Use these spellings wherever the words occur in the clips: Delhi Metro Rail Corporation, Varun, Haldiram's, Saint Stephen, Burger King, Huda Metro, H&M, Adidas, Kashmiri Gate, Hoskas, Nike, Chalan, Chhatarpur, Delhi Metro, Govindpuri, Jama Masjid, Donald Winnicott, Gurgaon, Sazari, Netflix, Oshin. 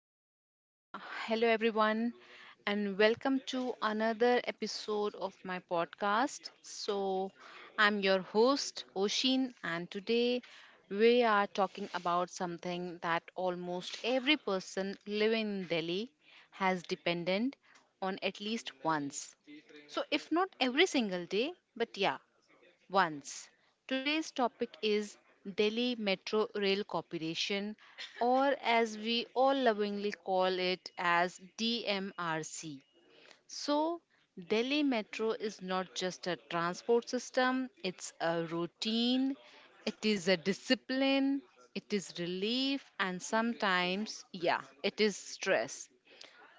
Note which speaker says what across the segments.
Speaker 1: So, yeah, hello everyone, and welcome to another episode of my podcast. So, I'm your host, Oshin, and today we are talking about something that almost every person living in Delhi has dependent on at least once. So, if not every single day, but yeah, once. Today's topic is Delhi Metro Rail Corporation, or as we all lovingly call it as DMRC. So, Delhi Metro is not just a transport system, it's a routine, it is a discipline, it is relief, and sometimes, yeah, it is stress.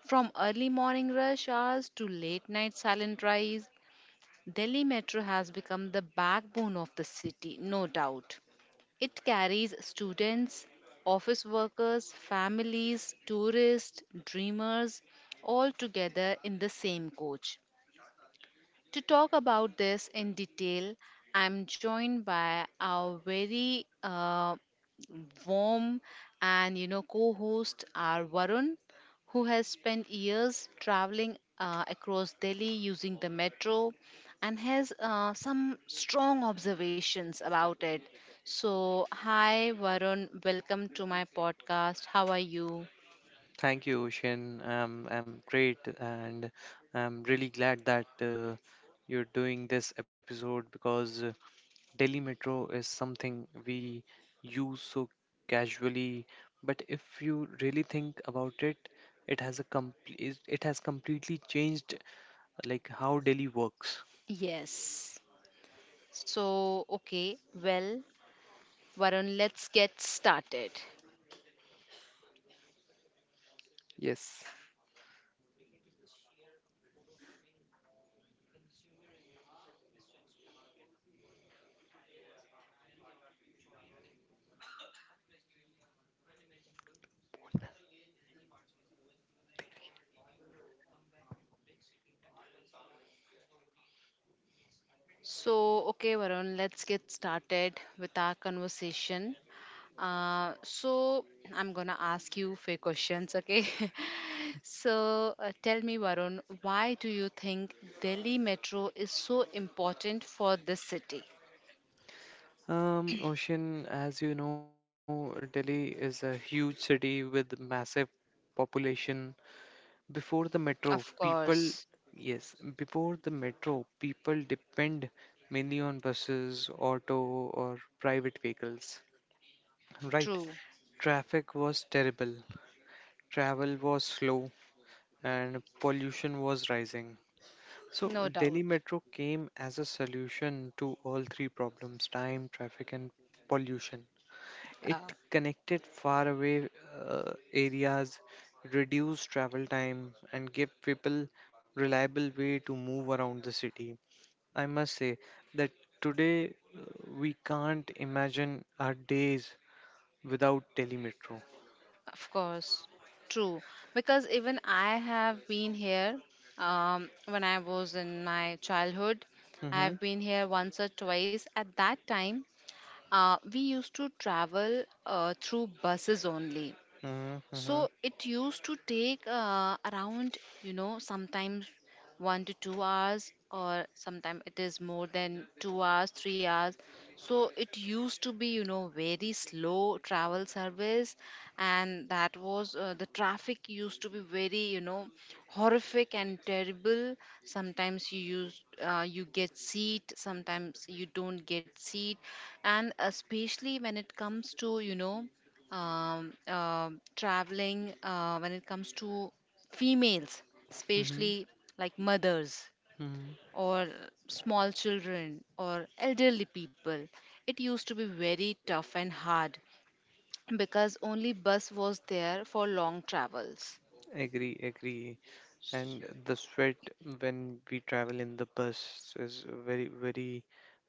Speaker 1: From early morning rush hours to late night silent drives, Delhi Metro has become the backbone of the city, no doubt. It carries students, office workers, families, tourists, dreamers all together in the same coach. To talk about this in detail, I'm joined by our very warm and co-host our Varun, who has spent years traveling across Delhi using the metro and has some strong observations about it. So, hi Varun, welcome to my podcast. How are you?
Speaker 2: Thank you, Ocean. I'm great and I'm really glad that you're doing this episode because Delhi Metro is something we use so casually, but if you really think about it, it has a complete it has completely changed like how Delhi works.
Speaker 1: Yes. So, okay, well, Varun, let's get started.
Speaker 2: Yes.
Speaker 1: So, okay, Varun, let's get started with our conversation. So, I'm gonna ask you few questions, okay? So, tell me, Varun, why do you think Delhi Metro is so important for this city?
Speaker 2: Ocean, as you know, Delhi is a huge city with massive population. Before
Speaker 1: Of course,
Speaker 2: yes, before the metro, people depend mainly on buses, auto, or private vehicles, right?
Speaker 1: true,
Speaker 2: Traffic was terrible, travel was slow, and pollution was rising. So,
Speaker 1: no
Speaker 2: Delhi
Speaker 1: doubt.
Speaker 2: Metro came as a solution to all three problems time, traffic, and pollution. It
Speaker 1: Uh,
Speaker 2: connected faraway areas, reduced travel time, and gave people reliable way to move around the city. I must say that today we can't imagine our days without telemetro.
Speaker 1: of course, true. Because even I have been here when I was in my childhood.
Speaker 2: Mm-hmm,
Speaker 1: I've been here once or twice. At that time, we used to travel through buses only.
Speaker 2: mm-hmm,
Speaker 1: So it used to take around, sometimes 1 to 2 hours, or sometimes it is more than 2 hours, 3 hours. So it used to be, very slow travel service, and that was the traffic used to be very, horrific and terrible. Sometimes you get seat, sometimes you don't get seat, and especially when it comes to, you know, traveling when it comes to females,
Speaker 2: mm-hmm,
Speaker 1: especially like mothers
Speaker 2: mm-hmm.
Speaker 1: or small children or elderly people. It used to be very tough and hard because only bus was there for long travels.
Speaker 2: Agree, agree. And the sweat when we travel in the bus is very, very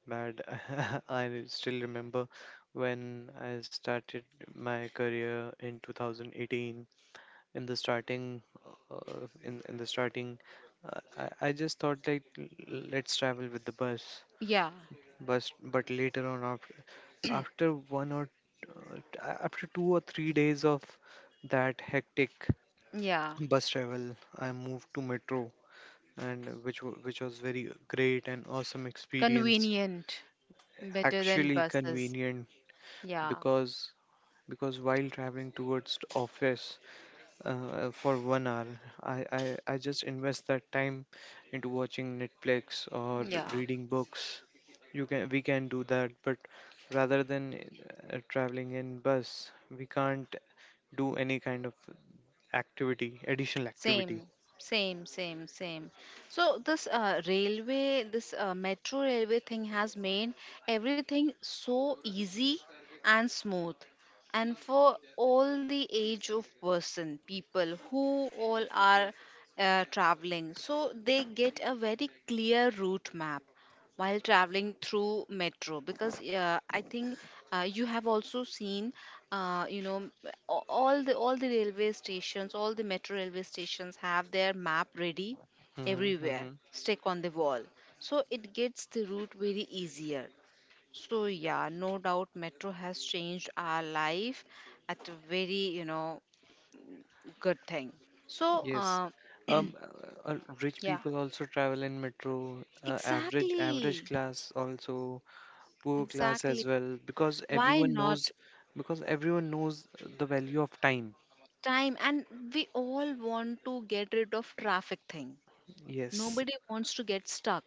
Speaker 2: bad. I still remember when I started my career in 2018. In the starting, uh, in in the starting, I just thought like let's travel with the
Speaker 1: Yeah,
Speaker 2: But later on after uh, t- after 2 or 3 days of that hectic
Speaker 1: yeah,
Speaker 2: bus travel, I moved to metro, and which was very great and awesome experience.
Speaker 1: convenient, better than
Speaker 2: Actually
Speaker 1: buses.
Speaker 2: convenient,
Speaker 1: Yeah,
Speaker 2: because because while traveling towards the office, for 1 hour, I just invest that time into watching Netflix or
Speaker 1: yeah.
Speaker 2: reading books. You can we can do that, but rather than traveling in bus, we can't do any kind of additional activity.
Speaker 1: Same, same, same, same. So this metro railway thing has made everything so easy and smooth. And for all the age of person, people who all are traveling, so they get a very clear route map while traveling through metro because I think you have also seen, uh, you know m- all the metro railway stations have their map ready everywhere,
Speaker 2: Hmm.
Speaker 1: stick on the wall, so it gets the route very easier. So yeah, no doubt, metro has changed our life at a very, good thing. so
Speaker 2: Yes.
Speaker 1: uh,
Speaker 2: Um, uh, uh, Rich
Speaker 1: yeah,
Speaker 2: people also travel in metro, average
Speaker 1: exactly,
Speaker 2: class also, poor class
Speaker 1: exactly,
Speaker 2: as well,
Speaker 1: why not?
Speaker 2: because everyone knows the value of time.
Speaker 1: Time, and we all want to get rid of traffic thing.
Speaker 2: Yes.
Speaker 1: Nobody wants to get stuck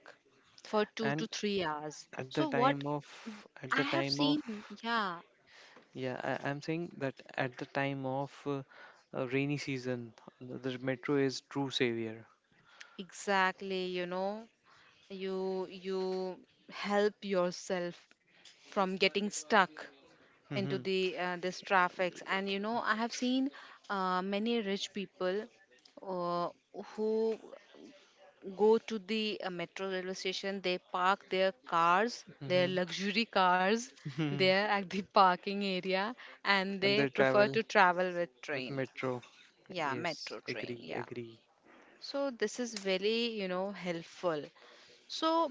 Speaker 1: for 2 to
Speaker 2: And
Speaker 1: 3 hours,
Speaker 2: at the
Speaker 1: so what?
Speaker 2: time of at
Speaker 1: I
Speaker 2: the
Speaker 1: have
Speaker 2: time of
Speaker 1: seen, yeah,
Speaker 2: yeah, I'm saying that at the time of, rainy season, the metro is true savior.
Speaker 1: exactly. You help yourself from getting stuck into
Speaker 2: Hmm.
Speaker 1: the this traffics, and I have seen many rich people, uh, who go to the metro railway station. They park their
Speaker 2: Hmm.
Speaker 1: luxury cars there at the parking area, and
Speaker 2: And
Speaker 1: they
Speaker 2: they
Speaker 1: prefer
Speaker 2: travel
Speaker 1: to travel with
Speaker 2: with
Speaker 1: train.
Speaker 2: metro.
Speaker 1: Yeah,
Speaker 2: Yes,
Speaker 1: metro train,
Speaker 2: agree,
Speaker 1: yeah.
Speaker 2: agree,
Speaker 1: So this is very, helpful. So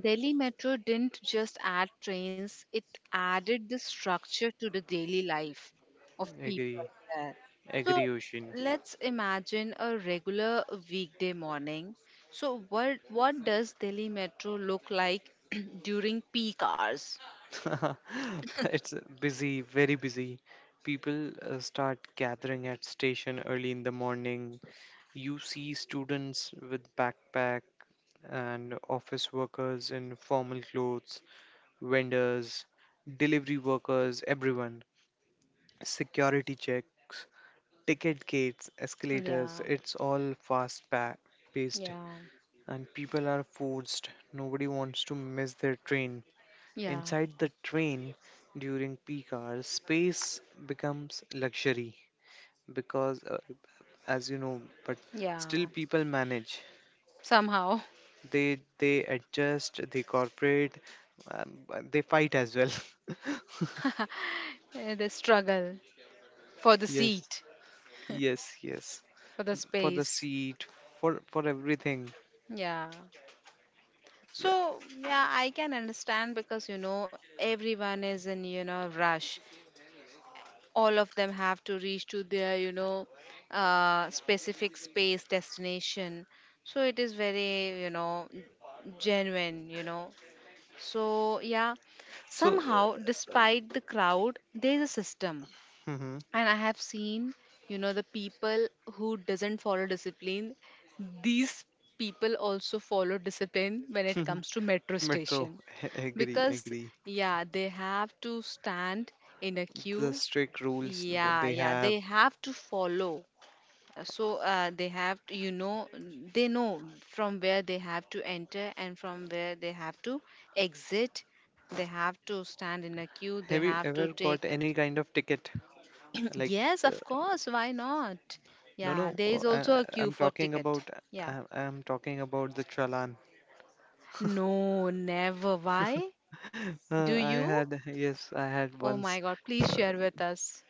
Speaker 1: Delhi Metro didn't just add trains, it added the structure to the daily life of
Speaker 2: agree.
Speaker 1: people there. So
Speaker 2: Agree, Ocean.
Speaker 1: let's imagine a regular weekday morning. So what does Delhi Metro look like during peak hours?
Speaker 2: It's busy, very busy. People start gathering at station early in the morning. You see students with backpack and office workers in formal clothes, vendors, delivery workers, everyone. Security checks, ticket gates, escalators, it's all paced,
Speaker 1: Yeah.
Speaker 2: and people are forced. Nobody wants to miss their train.
Speaker 1: Yeah.
Speaker 2: Inside the train during peak hours, space becomes luxury because, as you know, but
Speaker 1: Yeah.
Speaker 2: still people manage.
Speaker 1: Somehow.
Speaker 2: They adjust, they cooperate, but they fight as well.
Speaker 1: Eh, the struggle for the
Speaker 2: Yes,
Speaker 1: seat,
Speaker 2: yes, yes.
Speaker 1: for the
Speaker 2: For the
Speaker 1: space.
Speaker 2: seat, for everything.
Speaker 1: Yeah.
Speaker 2: Yeah.
Speaker 1: So, yeah, I can understand because everyone is in, rush. All of them have to reach to their, specific space destination. So it is very, genuine. So yeah,
Speaker 2: So,
Speaker 1: somehow despite the crowd, there is a system,
Speaker 2: mhm.
Speaker 1: and I have seen, the people who doesn't follow discipline, these people also follow discipline when it comes to metro
Speaker 2: Metro.
Speaker 1: station,
Speaker 2: Agree,
Speaker 1: because
Speaker 2: agree.
Speaker 1: yeah, they have to stand in a
Speaker 2: The
Speaker 1: queue.
Speaker 2: strict rules what
Speaker 1: Yeah,
Speaker 2: they
Speaker 1: yeah, they
Speaker 2: have.
Speaker 1: have to follow. So they know from where they have to enter and from where they have to exit. They have to stand in a queue, they
Speaker 2: Have you
Speaker 1: have to
Speaker 2: ever
Speaker 1: take.
Speaker 2: got any kind of ticket? Like.
Speaker 1: Yes, of course. Why not?
Speaker 2: No, no,
Speaker 1: Yeah, there is also a queue
Speaker 2: I'm
Speaker 1: for
Speaker 2: talking
Speaker 1: ticket.
Speaker 2: about
Speaker 1: Yeah.
Speaker 2: I'm talking about the Chalan.
Speaker 1: No, never. Why? Do
Speaker 2: I
Speaker 1: you?
Speaker 2: had yes, I had
Speaker 1: Oh my
Speaker 2: once.
Speaker 1: God, please
Speaker 2: Uh,
Speaker 1: share with us.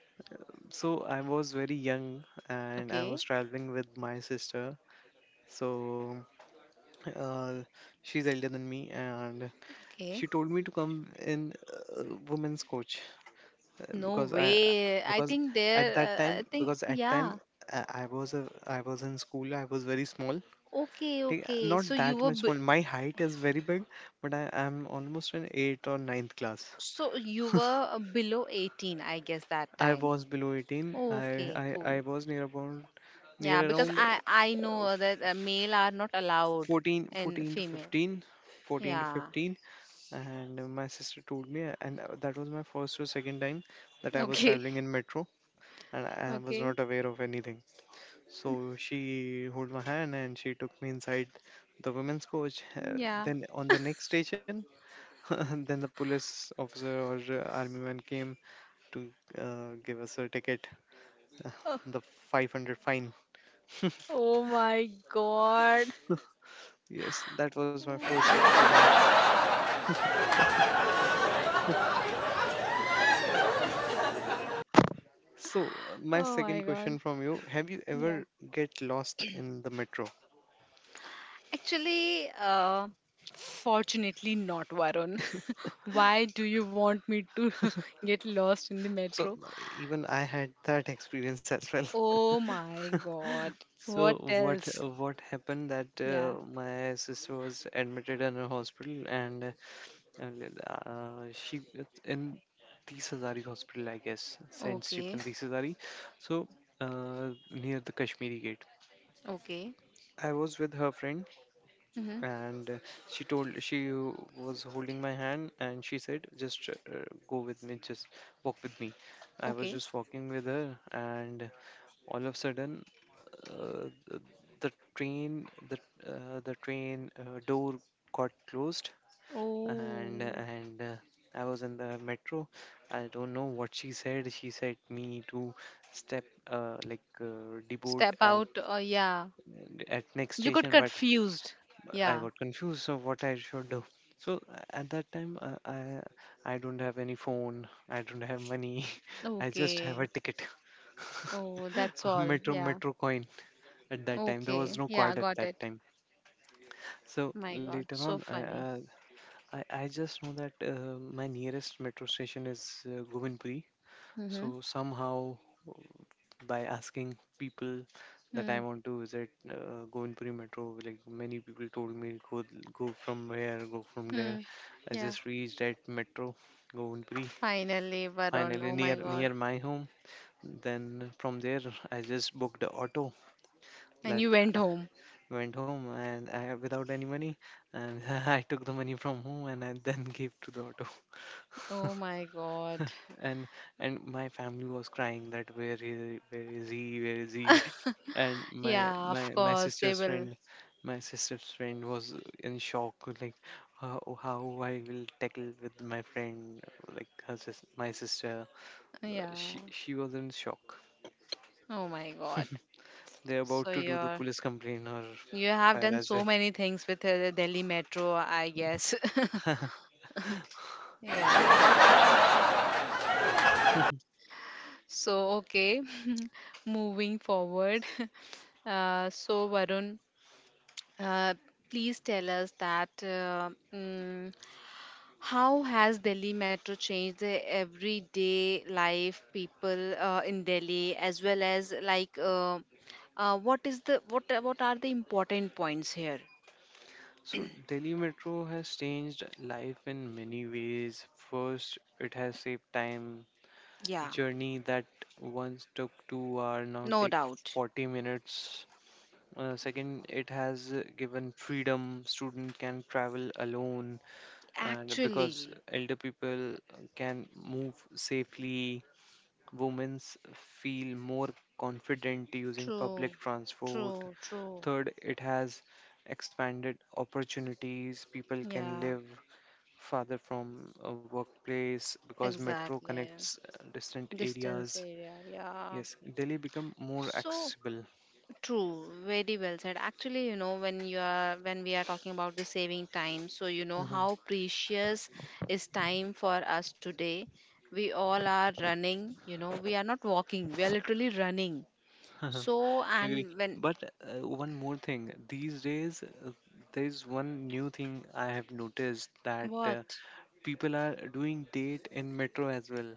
Speaker 2: so I was very young, and I
Speaker 1: Okay.
Speaker 2: was traveling with my sister. So, uh, she's elder than me, and
Speaker 1: Okay.
Speaker 2: she told me to come in uh, women's coach, uh,
Speaker 1: No
Speaker 2: because I
Speaker 1: way. I
Speaker 2: because
Speaker 1: think there,
Speaker 2: at that
Speaker 1: I
Speaker 2: time,
Speaker 1: think,
Speaker 2: because at time
Speaker 1: yeah.
Speaker 2: I was in school. I was very small.
Speaker 1: Okay, okay. So
Speaker 2: Not
Speaker 1: you
Speaker 2: that
Speaker 1: were,
Speaker 2: much
Speaker 1: b
Speaker 2: small. My height is very big, but I am almost in eighth or ninth class.
Speaker 1: so you were uh, below 18, I guess, that
Speaker 2: I
Speaker 1: time.
Speaker 2: was below 18. I,
Speaker 1: Okay,
Speaker 2: I,
Speaker 1: cool.
Speaker 2: I was near about
Speaker 1: Yeah,
Speaker 2: near
Speaker 1: because
Speaker 2: around
Speaker 1: I know that male are not allowed
Speaker 2: 14,
Speaker 1: and
Speaker 2: 14 to
Speaker 1: female.
Speaker 2: 15, 14 to
Speaker 1: Yeah.
Speaker 2: 15, and my sister told me, and that was my first or second time that I was
Speaker 1: Okay.
Speaker 2: traveling in metro, and I was
Speaker 1: Okay.
Speaker 2: not aware of anything. So she held my hand, and she took me inside the women's coach.
Speaker 1: Yeah.
Speaker 2: Then on the next station, then the police officer or army man came to give us a ticket, the 500 fine.
Speaker 1: Oh my god.
Speaker 2: Yes, that was my first experience. So, my
Speaker 1: Oh my
Speaker 2: second
Speaker 1: God.
Speaker 2: question from you, have you
Speaker 1: Yeah.
Speaker 2: ever get lost in the metro?
Speaker 1: Actually, fortunately not, Varun. Why do you want me to get lost in the
Speaker 2: So,
Speaker 1: metro?
Speaker 2: even I had that experience as well.
Speaker 1: Oh my god. What
Speaker 2: So
Speaker 1: else?
Speaker 2: what happened that,
Speaker 1: Yeah.
Speaker 2: my sister was admitted in a hospital. And then, she it's in the Sazari hospital, I guess, Saint
Speaker 1: Okay.
Speaker 2: Stephen the Sazari. So, near the Kashmiri Gate.
Speaker 1: Okay.
Speaker 2: I was with her friend,
Speaker 1: Mm-hmm.
Speaker 2: and she was holding my hand, and she said, "Just go with me, just walk with me." I was
Speaker 1: Okay.
Speaker 2: just walking with her, and all of a sudden, uh, the the train, the the train door got closed, and
Speaker 1: Oh.
Speaker 2: and uh, I was in the metro. I don't know what she said. She said me to step deboard
Speaker 1: Step
Speaker 2: at
Speaker 1: out. Yeah.
Speaker 2: next
Speaker 1: You got
Speaker 2: station, but
Speaker 1: confused.
Speaker 2: I
Speaker 1: Yeah.
Speaker 2: got confused of what I should do. So, at that time, I don't have any phone. I don't have money. I just have
Speaker 1: Okay.
Speaker 2: a ticket,
Speaker 1: Oh, that's
Speaker 2: a
Speaker 1: all. Yeah.
Speaker 2: metro coin. At that time, there was
Speaker 1: Okay.
Speaker 2: no
Speaker 1: Yeah,
Speaker 2: card at
Speaker 1: got
Speaker 2: that
Speaker 1: it.
Speaker 2: time. So
Speaker 1: My God,
Speaker 2: later on,
Speaker 1: so funny.
Speaker 2: I just know that my nearest metro station is Govindpuri.
Speaker 1: Mm-hmm.
Speaker 2: So somehow, uh, by asking people that I
Speaker 1: Mm.
Speaker 2: want to visit Govindpuri metro, like many people told me, go from here, go from there.
Speaker 1: Mm.
Speaker 2: I
Speaker 1: Yeah.
Speaker 2: just reached at metro Govindpuri,
Speaker 1: Finally, Varun.
Speaker 2: finally
Speaker 1: Oh my God.
Speaker 2: near my home. Then from there, I just booked the auto
Speaker 1: And
Speaker 2: that
Speaker 1: you went home.
Speaker 2: went home, and without any money, and I took the money from home, and I then gave to the auto.
Speaker 1: Oh my God.
Speaker 2: and and my family was crying that where is he, and
Speaker 1: Yeah, of course they will.
Speaker 2: my sister's friend was in shock, like how I will tackle with my friend, like my sister,
Speaker 1: Yeah.
Speaker 2: she was in shock.
Speaker 1: Oh my God.
Speaker 2: They're
Speaker 1: So
Speaker 2: about to do the
Speaker 1: you're,
Speaker 2: police complaint or
Speaker 1: you have
Speaker 2: fire
Speaker 1: done
Speaker 2: as
Speaker 1: so many things with the Delhi Metro, I guess.
Speaker 2: well.
Speaker 1: Yeah. So okay. Moving forward. So Varun, Uh, please tell us that, how has Delhi Metro changed the everyday life people in Delhi, as well as like, what is the, what are the important points here?
Speaker 2: So Delhi Metro has changed life in many ways. First, it has saved time.
Speaker 1: Yeah,
Speaker 2: Journey that once took 2 hours now
Speaker 1: no
Speaker 2: take
Speaker 1: doubt.
Speaker 2: 40 minutes. Second, it has given freedom. Student can travel alone, and because
Speaker 1: Actually,
Speaker 2: elder people can move safely, women feel more confident using
Speaker 1: true,
Speaker 2: public transport.
Speaker 1: true, true.
Speaker 2: Third, it has expanded opportunities. People can
Speaker 1: Yeah,
Speaker 2: live farther from a workplace because metro
Speaker 1: exactly.
Speaker 2: connects distant
Speaker 1: Distance
Speaker 2: areas.
Speaker 1: area. Yeah.
Speaker 2: Yes, Delhi become more
Speaker 1: So
Speaker 2: accessible.
Speaker 1: true, very well said. Actually, when we are talking about the saving time, so how
Speaker 2: Hmm.
Speaker 1: precious is time for us today. We all are running, we are not walking, we are literally running. So,
Speaker 2: Agree.
Speaker 1: and when,
Speaker 2: But one more thing, these days, there is one new thing I have noticed that,
Speaker 1: what?
Speaker 2: people are doing date in metro as well.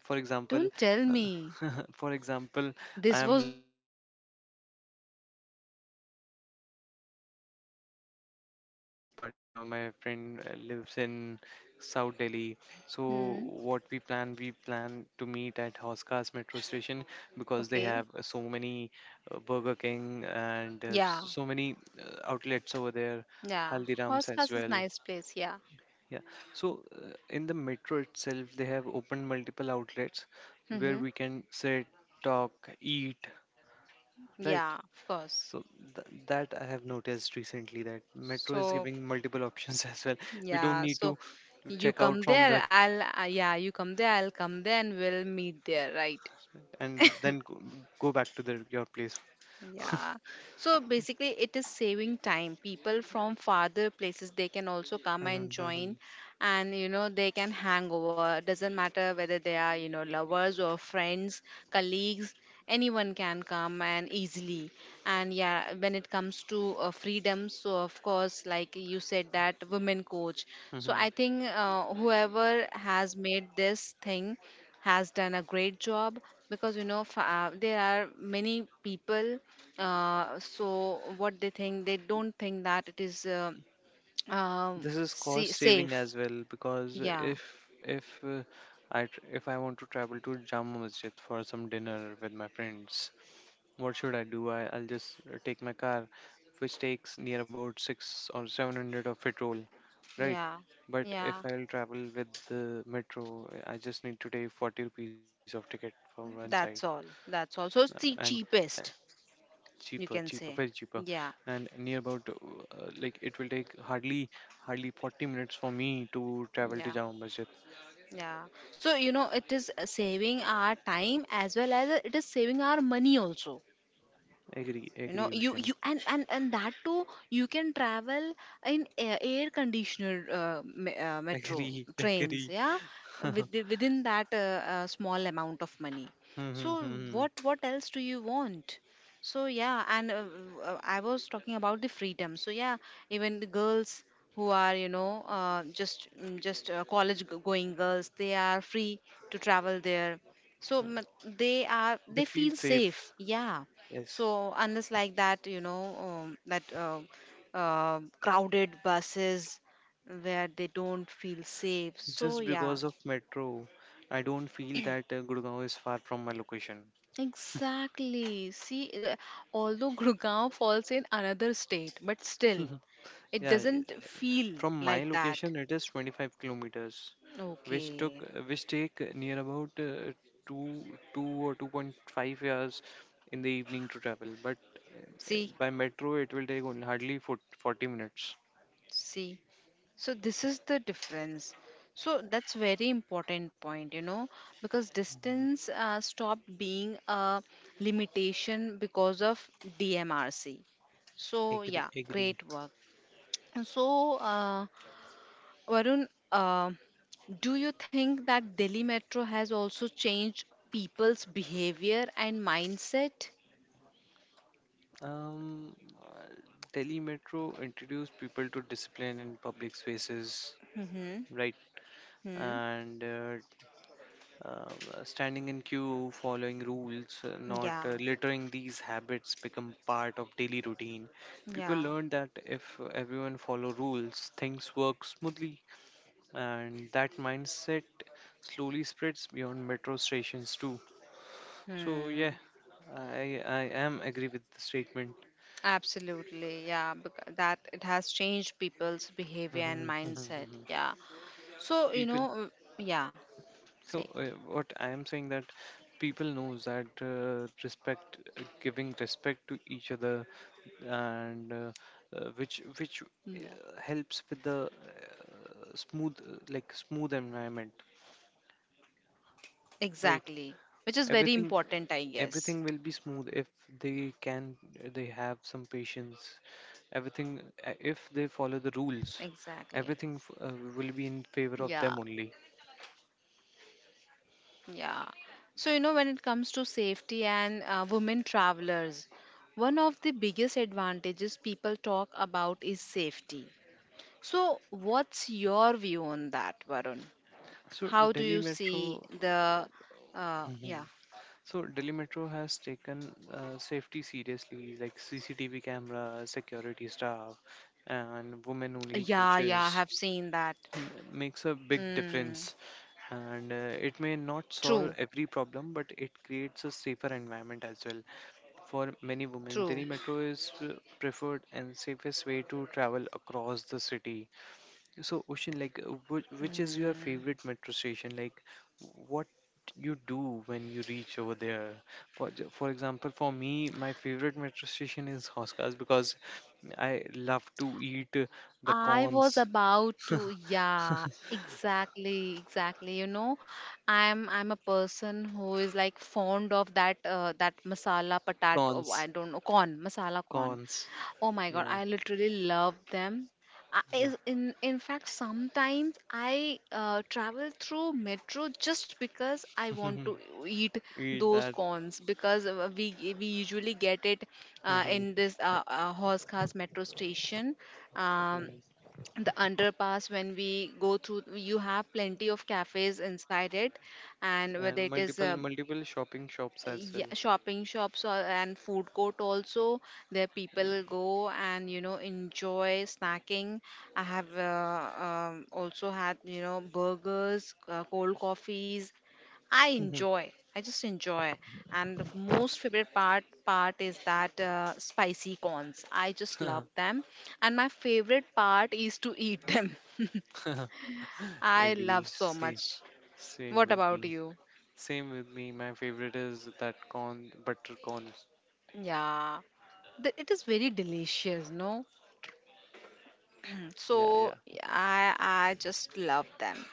Speaker 2: For example,
Speaker 1: Don't tell me.
Speaker 2: for example, I
Speaker 1: This
Speaker 2: am
Speaker 1: was the
Speaker 2: living.
Speaker 1: only thing left.
Speaker 2: I'm living in Gurgaon, and my partner, my friend, lives in South Delhi. So
Speaker 1: Hmm.
Speaker 2: we plan to meet at Hoskas metro station because they
Speaker 1: Okay.
Speaker 2: have so many Burger King and
Speaker 1: Yeah.
Speaker 2: so many outlets over there,
Speaker 1: Yeah.
Speaker 2: Haldiram's
Speaker 1: Horse
Speaker 2: as
Speaker 1: class is
Speaker 2: well.
Speaker 1: nice place. Yeah.
Speaker 2: Yeah. So, in the metro itself, they have opened multiple outlets where
Speaker 1: Mm-hmm.
Speaker 2: we can sit, talk, eat, right?
Speaker 1: Yeah, of course.
Speaker 2: So that I have noticed recently that Metro is
Speaker 1: So
Speaker 2: giving multiple options as well. We don't
Speaker 1: yeah,
Speaker 2: need to
Speaker 1: so you
Speaker 2: check out
Speaker 1: come
Speaker 2: from the
Speaker 1: there, I'll, yeah, you come there, I'll come there, and we'll meet there, right?
Speaker 2: and then go, go back to the your place.
Speaker 1: Yeah. So basically, it is saving time. People from farther places, they can also come and
Speaker 2: Mhm,
Speaker 1: join,
Speaker 2: mhm,
Speaker 1: and they can hang over. Doesn't matter whether they are, lovers or friends, colleagues. Anyone can come and easily. And yeah, when it comes to, freedom, so of course, like you said, that women coach. So I
Speaker 2: mhm.
Speaker 1: think whoever has made this thing has done a great job, because there are many people, so what they think they don't think that it is
Speaker 2: This is cost saving
Speaker 1: safe.
Speaker 2: as well, because
Speaker 1: Yeah,
Speaker 2: if uh, if I want to travel to Jama Masjid for some dinner with my friends, what should I do? I'll just take my car, which takes near about six or seven hundred of petrol, right?
Speaker 1: yeah,
Speaker 2: But if
Speaker 1: yeah,
Speaker 2: I'll travel with the metro, I just need to take 40 rupees of ticket for one side,
Speaker 1: that's all, that's all.
Speaker 2: uh,
Speaker 1: So it's
Speaker 2: and
Speaker 1: the
Speaker 2: uh,
Speaker 1: cheapest, you
Speaker 2: cheaper,
Speaker 1: can
Speaker 2: very
Speaker 1: say.
Speaker 2: cheaper,
Speaker 1: Yeah,
Speaker 2: and near about like it will take hardly 40 minutes for me to travel to
Speaker 1: yeah,
Speaker 2: Jama Masjid.
Speaker 1: yeah. So it is, saving our time, as well as, it is saving our money also.
Speaker 2: Agree,
Speaker 1: you know
Speaker 2: agree,
Speaker 1: you
Speaker 2: Ocean.
Speaker 1: you and that too, you can travel in air conditioner, metro
Speaker 2: Agree,
Speaker 1: trains,
Speaker 2: agree.
Speaker 1: yeah, with, within that small amount of money.
Speaker 2: Hmm,
Speaker 1: So
Speaker 2: hmm, hmm,
Speaker 1: what
Speaker 2: hmm.
Speaker 1: what else do you want? So yeah, and I was talking about the freedom, so yeah, even the girls who are, just college going girls, they are free to travel there. So,
Speaker 2: They
Speaker 1: they
Speaker 2: feel
Speaker 1: feel
Speaker 2: safe.
Speaker 1: safe, yeah.
Speaker 2: Yes.
Speaker 1: So unless like that, that crowded buses where they don't feel safe. So
Speaker 2: Just
Speaker 1: yeah,
Speaker 2: because of metro, I don't feel that Gurgaon is far from my location.
Speaker 1: exactly. See, although Gurgaon falls in another state, but still, it
Speaker 2: Yeah,
Speaker 1: doesn't feel
Speaker 2: from my
Speaker 1: like that.
Speaker 2: location it is 25 kilometers,
Speaker 1: Okay.
Speaker 2: which take near about two two or 2.5 hours in the evening to travel. But
Speaker 1: See,
Speaker 2: by metro it will take only 40 minutes.
Speaker 1: see. So this is the difference. So that's very important point, because distance stopped being a limitation because of DMRC. So
Speaker 2: Agree,
Speaker 1: yeah,
Speaker 2: agree.
Speaker 1: great work. So Varun, uh, do you think that Delhi Metro has also changed people's behavior and mindset?
Speaker 2: Um, uh, Delhi Metro introduced people to discipline in public spaces.
Speaker 1: Mm-hmm.
Speaker 2: Right.
Speaker 1: Hmm.
Speaker 2: and Um, Standing in queue, following rules, not
Speaker 1: Yeah.
Speaker 2: littering, these habits become part of daily routine. People
Speaker 1: Yeah.
Speaker 2: learn that if everyone follow rules, things work smoothly, and that mindset slowly spreads beyond metro stations too. So
Speaker 1: Hmm.
Speaker 2: yeah, I am agree with the statement.
Speaker 1: Absolutely, yeah, because that it has changed people's behavior and
Speaker 2: Mhm, mhm,
Speaker 1: mindset.
Speaker 2: mhm.
Speaker 1: Yeah. So,
Speaker 2: People.
Speaker 1: yeah, say,
Speaker 2: so uh, what I am saying, that people knows that respect, giving respect to each other and which
Speaker 1: yeah,
Speaker 2: helps with the smooth, like, smooth environment, right?
Speaker 1: exactly, which is very
Speaker 2: Everything,
Speaker 1: important, I guess.
Speaker 2: everything will be smooth if they can, they have some patience, everything, if they follow the rules,
Speaker 1: Exactly.
Speaker 2: everything will be in favor of them
Speaker 1: Yeah,
Speaker 2: only.
Speaker 1: yeah. So, you know, when it comes to safety and women travelers, one of the biggest advantages people talk about is safety. So, what's your view on that, Varun?
Speaker 2: So
Speaker 1: How do
Speaker 2: Delhi
Speaker 1: you
Speaker 2: Metro.
Speaker 1: see the, yeah?
Speaker 2: So Delhi Metro has taken safety seriously, like CCTV camera, security staff, and women-only
Speaker 1: Yeah, yeah, I
Speaker 2: coaches
Speaker 1: have seen that.
Speaker 2: makes a big
Speaker 1: Mm,
Speaker 2: difference. And it may not solve
Speaker 1: true,
Speaker 2: every problem, but it creates a safer environment as well. For many women,
Speaker 1: true.
Speaker 2: Delhi Metro is preferred and safest way to travel across the city. So, Ocean, like, which is your
Speaker 1: Mm.
Speaker 2: favorite metro station? Like, what you do when you reach over there? For for example, for me, my favorite metro station is Hoskars because I love to eat the
Speaker 1: I was
Speaker 2: corns.
Speaker 1: about to, yeah, exactly, exactly. I'm a person who is like fond of that, masala potato.
Speaker 2: Corns,
Speaker 1: I don't know corn, masala corn.
Speaker 2: corns.
Speaker 1: Oh my god,
Speaker 2: Yeah,
Speaker 1: I literally love them. I,
Speaker 2: yeah.
Speaker 1: is- in fact, sometimes I travel through metro just because I want to eat
Speaker 2: Eat
Speaker 1: those
Speaker 2: that.
Speaker 1: corns because we usually get it in this horse cars metro station. Um,
Speaker 2: Mm.
Speaker 1: the underpass, when we go through, you have plenty of cafes inside it. And whether
Speaker 2: And
Speaker 1: it is
Speaker 2: multiple shopping shops as
Speaker 1: yeah, shopping shops or, and food court also, there people go and enjoy snacking. I have also had burgers, cold coffees. i
Speaker 2: well.
Speaker 1: enjoy I just enjoy. And the most favorite part is that spicy corns. I just love them, and my favorite part is to eat them. I love
Speaker 2: Agree.
Speaker 1: so
Speaker 2: Same,
Speaker 1: much.
Speaker 2: same
Speaker 1: What
Speaker 2: with
Speaker 1: about
Speaker 2: me.
Speaker 1: you?
Speaker 2: Same with me. My favorite is that corn, butter corn.
Speaker 1: Yeah. It is very delicious, no?
Speaker 2: Yeah,
Speaker 1: So
Speaker 2: yeah.
Speaker 1: I just love them.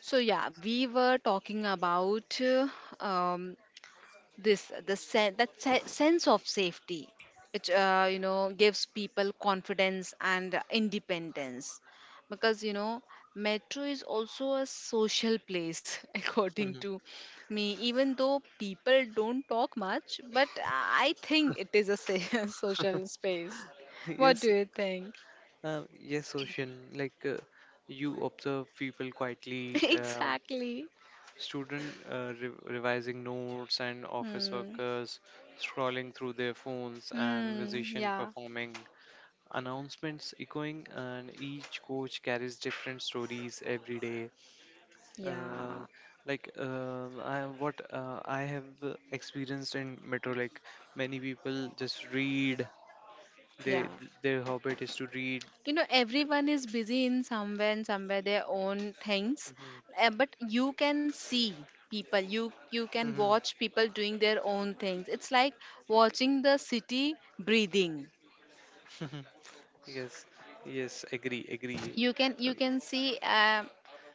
Speaker 1: So yeah, we were talking about um, this, the sen- that se- sense of safety, which gives people confidence and independence, because metro is also a social place, according
Speaker 2: Mhm.
Speaker 1: to me. Even though people don't talk much, but I think it is a social space. What do
Speaker 2: Yes,
Speaker 1: you think?
Speaker 2: yes, Ocean. Like, you observe people quietly,
Speaker 1: Exactly.
Speaker 2: student, re revising notes, and office
Speaker 1: Hmm.
Speaker 2: workers scrolling through their phones, and
Speaker 1: Hmm.
Speaker 2: musician
Speaker 1: Yeah,
Speaker 2: performing, announcements echoing, and each coach carries different stories every day. Uh,
Speaker 1: yeah,
Speaker 2: like, I, what I have experienced in metro, like many people just read.
Speaker 1: yeah.
Speaker 2: Their habit is to read.
Speaker 1: You know, everyone is busy in somewhere and somewhere their own things,
Speaker 2: Mhm,
Speaker 1: but you can see people. You can
Speaker 2: mhm,
Speaker 1: watch people doing their own things. It's like watching the city breathing.
Speaker 2: mhm. Yes, yes, agree, agree.
Speaker 1: You can see,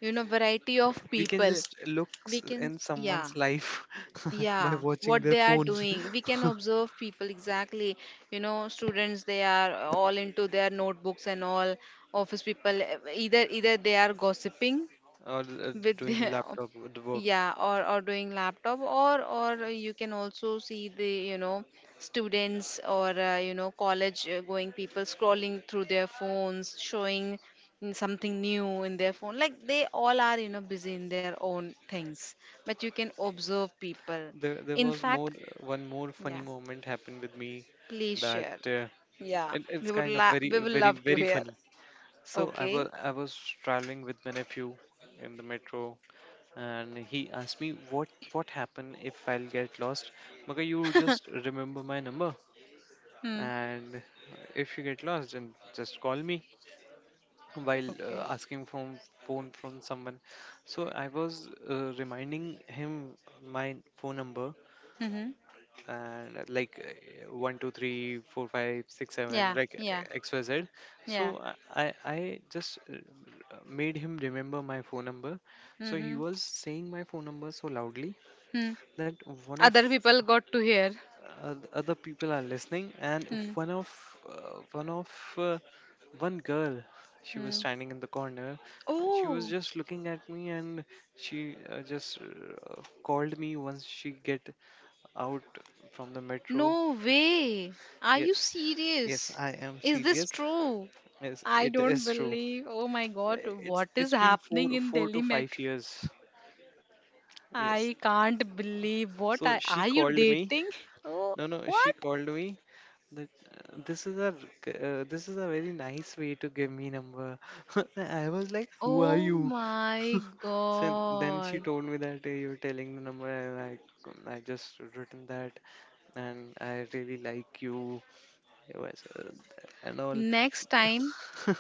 Speaker 1: you know, variety of
Speaker 2: We can
Speaker 1: people.
Speaker 2: just look
Speaker 1: We can,
Speaker 2: in
Speaker 1: yeah.
Speaker 2: someone's life by
Speaker 1: Yeah,
Speaker 2: watching
Speaker 1: what
Speaker 2: their
Speaker 1: they are
Speaker 2: phones,
Speaker 1: doing, we can observe people exactly. You know, students, they are all into their notebooks and all. Office people, either they are gossiping
Speaker 2: or
Speaker 1: with
Speaker 2: doing
Speaker 1: the,
Speaker 2: laptop
Speaker 1: yeah,
Speaker 2: work.
Speaker 1: or doing laptop, or you can also see the, you know, students or college, going people scrolling through their phones, showing something new in their phone. Like they all are, you know, busy in their own things, but you can observe people.
Speaker 2: There
Speaker 1: In
Speaker 2: was more,
Speaker 1: fact,
Speaker 2: one more funny
Speaker 1: yeah,
Speaker 2: moment happened with me,
Speaker 1: please
Speaker 2: that
Speaker 1: share. Yeah, we
Speaker 2: it's
Speaker 1: would
Speaker 2: kind of
Speaker 1: we
Speaker 2: very,
Speaker 1: will
Speaker 2: very,
Speaker 1: love to
Speaker 2: very
Speaker 1: hear.
Speaker 2: funny. So I
Speaker 1: Okay.
Speaker 2: was I was traveling with my nephew in the metro, and he asked me what happened if I'll get lost. Maga, you just remember my number,
Speaker 1: Hmm.
Speaker 2: and if you get lost, then just call me while
Speaker 1: Okay.
Speaker 2: asking from phone from someone. So I was reminding him my phone number,
Speaker 1: Hmm.
Speaker 2: and like, 1 2 3 4 5 6 7,
Speaker 1: Yeah,
Speaker 2: like,
Speaker 1: yeah.
Speaker 2: xyz. So
Speaker 1: Yeah.
Speaker 2: I just made him remember my phone number, so he
Speaker 1: Mm-hmm.
Speaker 2: was saying my phone number so loudly
Speaker 1: Hmm.
Speaker 2: that one of,
Speaker 1: Other people got to hear.
Speaker 2: other people are listening. And
Speaker 1: Hmm.
Speaker 2: one of uh, one of uh, one girl, she was
Speaker 1: Hmm.
Speaker 2: standing in the corner, and she was
Speaker 1: Oh,
Speaker 2: just looking at me, and she just called me once she get out from the metro.
Speaker 1: no way. Are you
Speaker 2: Yes. Yes,
Speaker 1: serious?
Speaker 2: I am
Speaker 1: Is this
Speaker 2: serious.
Speaker 1: true?
Speaker 2: Yes,
Speaker 1: I
Speaker 2: it
Speaker 1: don't
Speaker 2: is true.
Speaker 1: believe. Oh my
Speaker 2: Eh,
Speaker 1: God,
Speaker 2: it's
Speaker 1: what is
Speaker 2: been four
Speaker 1: happening in
Speaker 2: four to
Speaker 1: Delhi
Speaker 2: five
Speaker 1: metro?
Speaker 2: years.
Speaker 1: I
Speaker 2: Yes.
Speaker 1: can't believe. What,
Speaker 2: So
Speaker 1: I,
Speaker 2: she
Speaker 1: are you
Speaker 2: called me.
Speaker 1: dating? Oh,
Speaker 2: No, no, she
Speaker 1: what?
Speaker 2: called me that this is a very nice way to give me number. I was like, who are
Speaker 1: Oh
Speaker 2: you?
Speaker 1: my
Speaker 2: So then she
Speaker 1: God.
Speaker 2: told me that, "Hey, you're telling the number, and I just written that, and I really like you." It was, and all.
Speaker 1: Next time,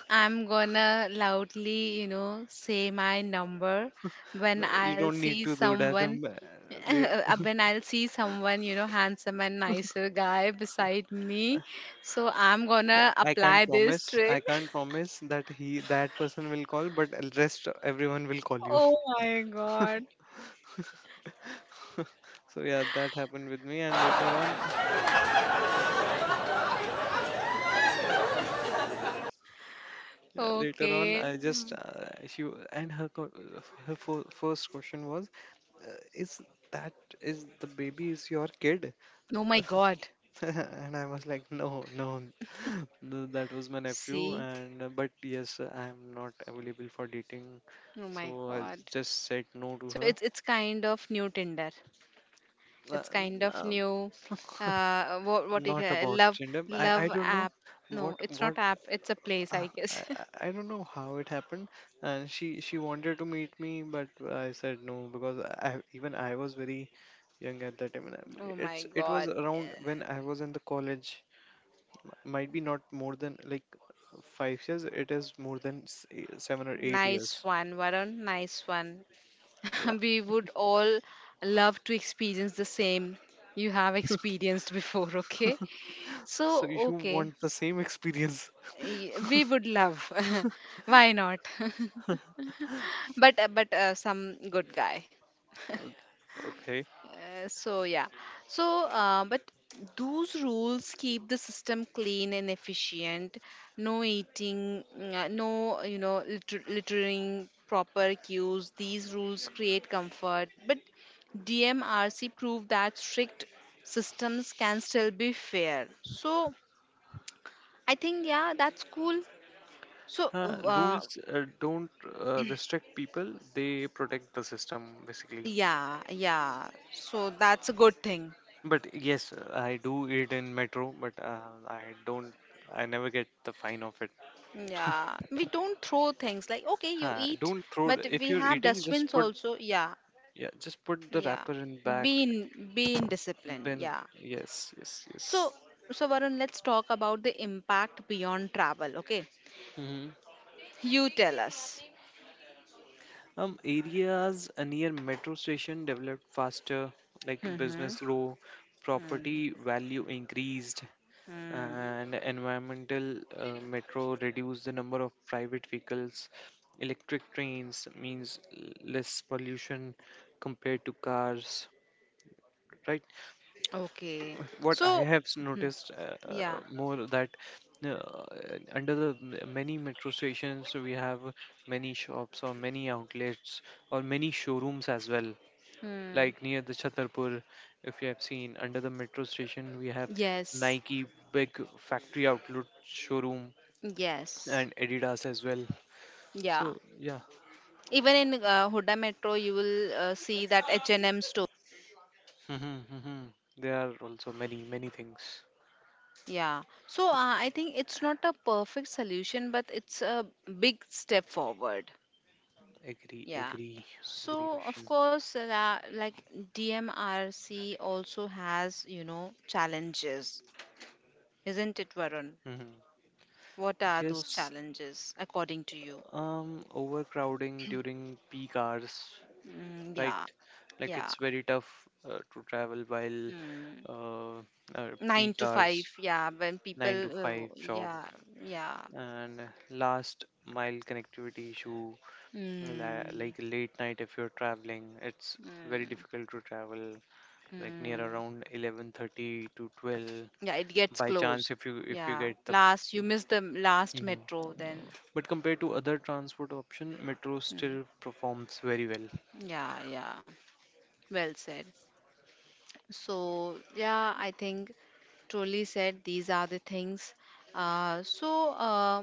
Speaker 1: I'm gonna loudly, you know, say my number when
Speaker 2: No, you
Speaker 1: I'll
Speaker 2: don't
Speaker 1: see
Speaker 2: need to do that.
Speaker 1: someone, when I'll see someone, you know, handsome and nicer guy beside me. So I'm gonna
Speaker 2: I can't
Speaker 1: apply this
Speaker 2: promise. I
Speaker 1: trick.
Speaker 2: can't promise that he that person will call, but rest everyone will call you.
Speaker 1: Oh my god.
Speaker 2: So yeah, that happened with me, and later on, yeah, later on,
Speaker 1: Okay.
Speaker 2: I just,
Speaker 1: Mm.
Speaker 2: she w- and her co- her first question was, is that, is the baby is your kid?
Speaker 1: Oh my God.
Speaker 2: And I was like, no, no, no, that was my nephew,
Speaker 1: See?
Speaker 2: and but yes, I am not available for dating,
Speaker 1: Oh my
Speaker 2: so I
Speaker 1: God.
Speaker 2: just said no to
Speaker 1: So
Speaker 2: her.
Speaker 1: it's kind of new Tinder.
Speaker 2: Uh,
Speaker 1: It's
Speaker 2: n-
Speaker 1: kind of
Speaker 2: uh,
Speaker 1: new. What you
Speaker 2: not about
Speaker 1: love
Speaker 2: gender. I
Speaker 1: love
Speaker 2: don't know
Speaker 1: app?
Speaker 2: what,
Speaker 1: No, it's
Speaker 2: what
Speaker 1: not app. It's a place,
Speaker 2: uh,
Speaker 1: I guess.
Speaker 2: I, I I don't know how it happened, and she wanted to meet me, but I said no because I was very young at that time, and I'm-
Speaker 1: Oh my
Speaker 2: it's, it was
Speaker 1: God.
Speaker 2: around
Speaker 1: Eh,
Speaker 2: when I was in the college, might be not more than like 5 years. It is more than 7 or 8
Speaker 1: nice
Speaker 2: years.
Speaker 1: one, Varun. Nice one.
Speaker 2: Yeah.
Speaker 1: We would all love to experience the same you have experienced before, okay?
Speaker 2: So
Speaker 1: So,
Speaker 2: you
Speaker 1: okay.
Speaker 2: want the same experience.
Speaker 1: We would love. Why not? But some good guy.
Speaker 2: Okay.
Speaker 1: So yeah. So but those rules keep the system clean and efficient. No eating, mm, no, you know, littering, proper cues. These rules create comfort. But DMRC proved that strict systems can still be fair. So I think yeah, that's cool. So
Speaker 2: Huh?
Speaker 1: uh,
Speaker 2: Rules don't restrict people, they protect the system basically.
Speaker 1: yeah, yeah. So that's a good thing.
Speaker 2: But yes, I do it in metro, but I don't, I never get the fine of it.
Speaker 1: Yeah, we don't throw things like okay, you
Speaker 2: Huh,
Speaker 1: eat,
Speaker 2: don't throw,
Speaker 1: but
Speaker 2: if
Speaker 1: we
Speaker 2: you're
Speaker 1: have
Speaker 2: eating, just
Speaker 1: dustbins
Speaker 2: put,
Speaker 1: also. Yeah,
Speaker 2: yeah, just put the
Speaker 1: yeah.
Speaker 2: wrapper in bag
Speaker 1: Being disciplined.
Speaker 2: bin.
Speaker 1: Yeah.
Speaker 2: Yes, yes, yes.
Speaker 1: So, so Varun, let's talk about the impact beyond travel. Okay,
Speaker 2: Hmm.
Speaker 1: you tell us.
Speaker 2: Areas near metro station developed faster, like
Speaker 1: Mm-hmm.
Speaker 2: business grow,
Speaker 1: Mm,
Speaker 2: property value increased,
Speaker 1: mm.
Speaker 2: and environmental, metro reduce the number of private vehicles, electric trains means less pollution compared to cars, right?
Speaker 1: Okay.
Speaker 2: What I
Speaker 1: So
Speaker 2: have
Speaker 1: mhm,
Speaker 2: noticed,
Speaker 1: yeah.
Speaker 2: more, that uh, under the many metro stations we have many shops or many outlets or many showrooms as well,
Speaker 1: Mm.
Speaker 2: like near the Chhatarpur, if you have seen, under the metro station we have
Speaker 1: Yes.
Speaker 2: Nike big factory outlet showroom,
Speaker 1: Yes.
Speaker 2: and Adidas as well. So
Speaker 1: Yeah.
Speaker 2: yeah.
Speaker 1: Even in Huda Metro, you will see that H&M.
Speaker 2: Mhm, mhm. There are also many things.
Speaker 1: Yeah. So I think it's not a perfect solution, but it's a big step forward.
Speaker 2: Agree,
Speaker 1: Yeah.
Speaker 2: agree, agree,
Speaker 1: So of
Speaker 2: Ocean.
Speaker 1: course, like DMRC also has, you know, challenges, isn't it, Varun?
Speaker 2: Mhm.
Speaker 1: What are those
Speaker 2: Yes,
Speaker 1: challenges according to you?
Speaker 2: overcrowding during peak hours,
Speaker 1: Mm, yeah.
Speaker 2: right? Like
Speaker 1: Yeah.
Speaker 2: it's very tough to travel while
Speaker 1: Mm.
Speaker 2: uh,
Speaker 1: Nine
Speaker 2: peak
Speaker 1: to five.
Speaker 2: hours,
Speaker 1: Yeah. When
Speaker 2: nine to
Speaker 1: people,
Speaker 2: five job,
Speaker 1: yeah. Yeah.
Speaker 2: and last mile connectivity issue, like
Speaker 1: Mm.
Speaker 2: late night if you're traveling, it's very
Speaker 1: Mm.
Speaker 2: difficult to travel like near
Speaker 1: Mm.
Speaker 2: around 11:30 to 12.
Speaker 1: Yeah, it gets
Speaker 2: By chance,
Speaker 1: close.
Speaker 2: if you, if you
Speaker 1: Yeah,
Speaker 2: get the,
Speaker 1: last, you miss the last
Speaker 2: mhm,
Speaker 1: metro then.
Speaker 2: but compared to other transport option, metro
Speaker 1: Mm.
Speaker 2: still performs very well.
Speaker 1: Yeah, yeah. Well said. So, yeah, I think truly said these are the things. So,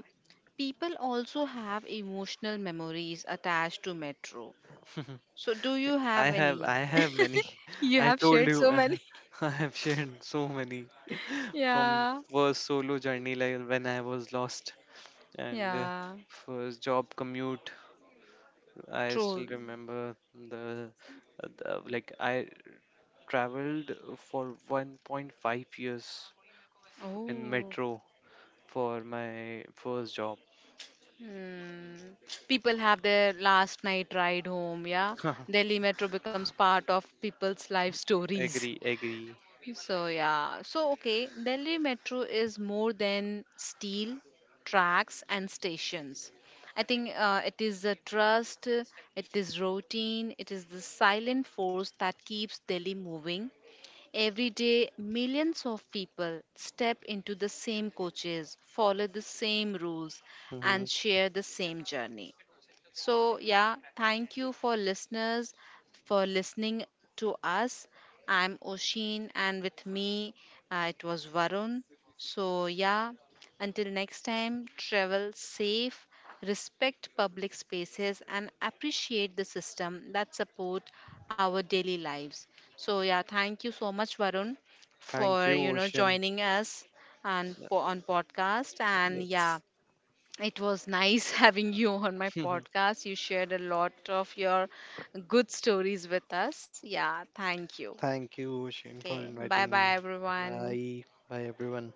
Speaker 1: people also have emotional memories attached to metro. So, do you
Speaker 2: I
Speaker 1: have
Speaker 2: have,
Speaker 1: any?
Speaker 2: I have many.
Speaker 1: You
Speaker 2: I
Speaker 1: have
Speaker 2: told
Speaker 1: shared
Speaker 2: you,
Speaker 1: so many.
Speaker 2: I have shared so many. From
Speaker 1: Yeah,
Speaker 2: first solo journey, like when I was lost, and
Speaker 1: yeah.
Speaker 2: first job commute, I still
Speaker 1: True.
Speaker 2: remember the, like, I traveled for 1.5 years in
Speaker 1: Oh.
Speaker 2: metro for my first job.
Speaker 1: Mm. People have their last night ride home, yeah. Delhi Metro becomes part of people's life stories.
Speaker 2: Agree, agree.
Speaker 1: So, yeah. So, okay, Delhi Metro is more than steel, tracks, and stations. I think it is a trust, it is routine, it is the silent force that keeps Delhi moving. Every day, millions of people step into the same coaches, follow the same rules,
Speaker 2: Hmm.
Speaker 1: and share the same journey. So, yeah, thank you for listeners for listening to us. I'm Oshin, and with me it was Varun. So, yeah, until next time, travel safe, respect public spaces, and appreciate the system that support our daily lives. So, yeah, thank you so much, Varun,
Speaker 2: Thank
Speaker 1: for
Speaker 2: you, Ocean.
Speaker 1: joining us on
Speaker 2: Yeah.
Speaker 1: on podcast. And yeah,
Speaker 2: Yes.
Speaker 1: it was nice having you on my podcast. You shared a lot of your good stories with us. Yeah, thank you.
Speaker 2: Thank you, Ocean, for
Speaker 1: Okay, bye
Speaker 2: inviting
Speaker 1: bye,
Speaker 2: me.
Speaker 1: everyone.
Speaker 2: Bye. Bye, everyone.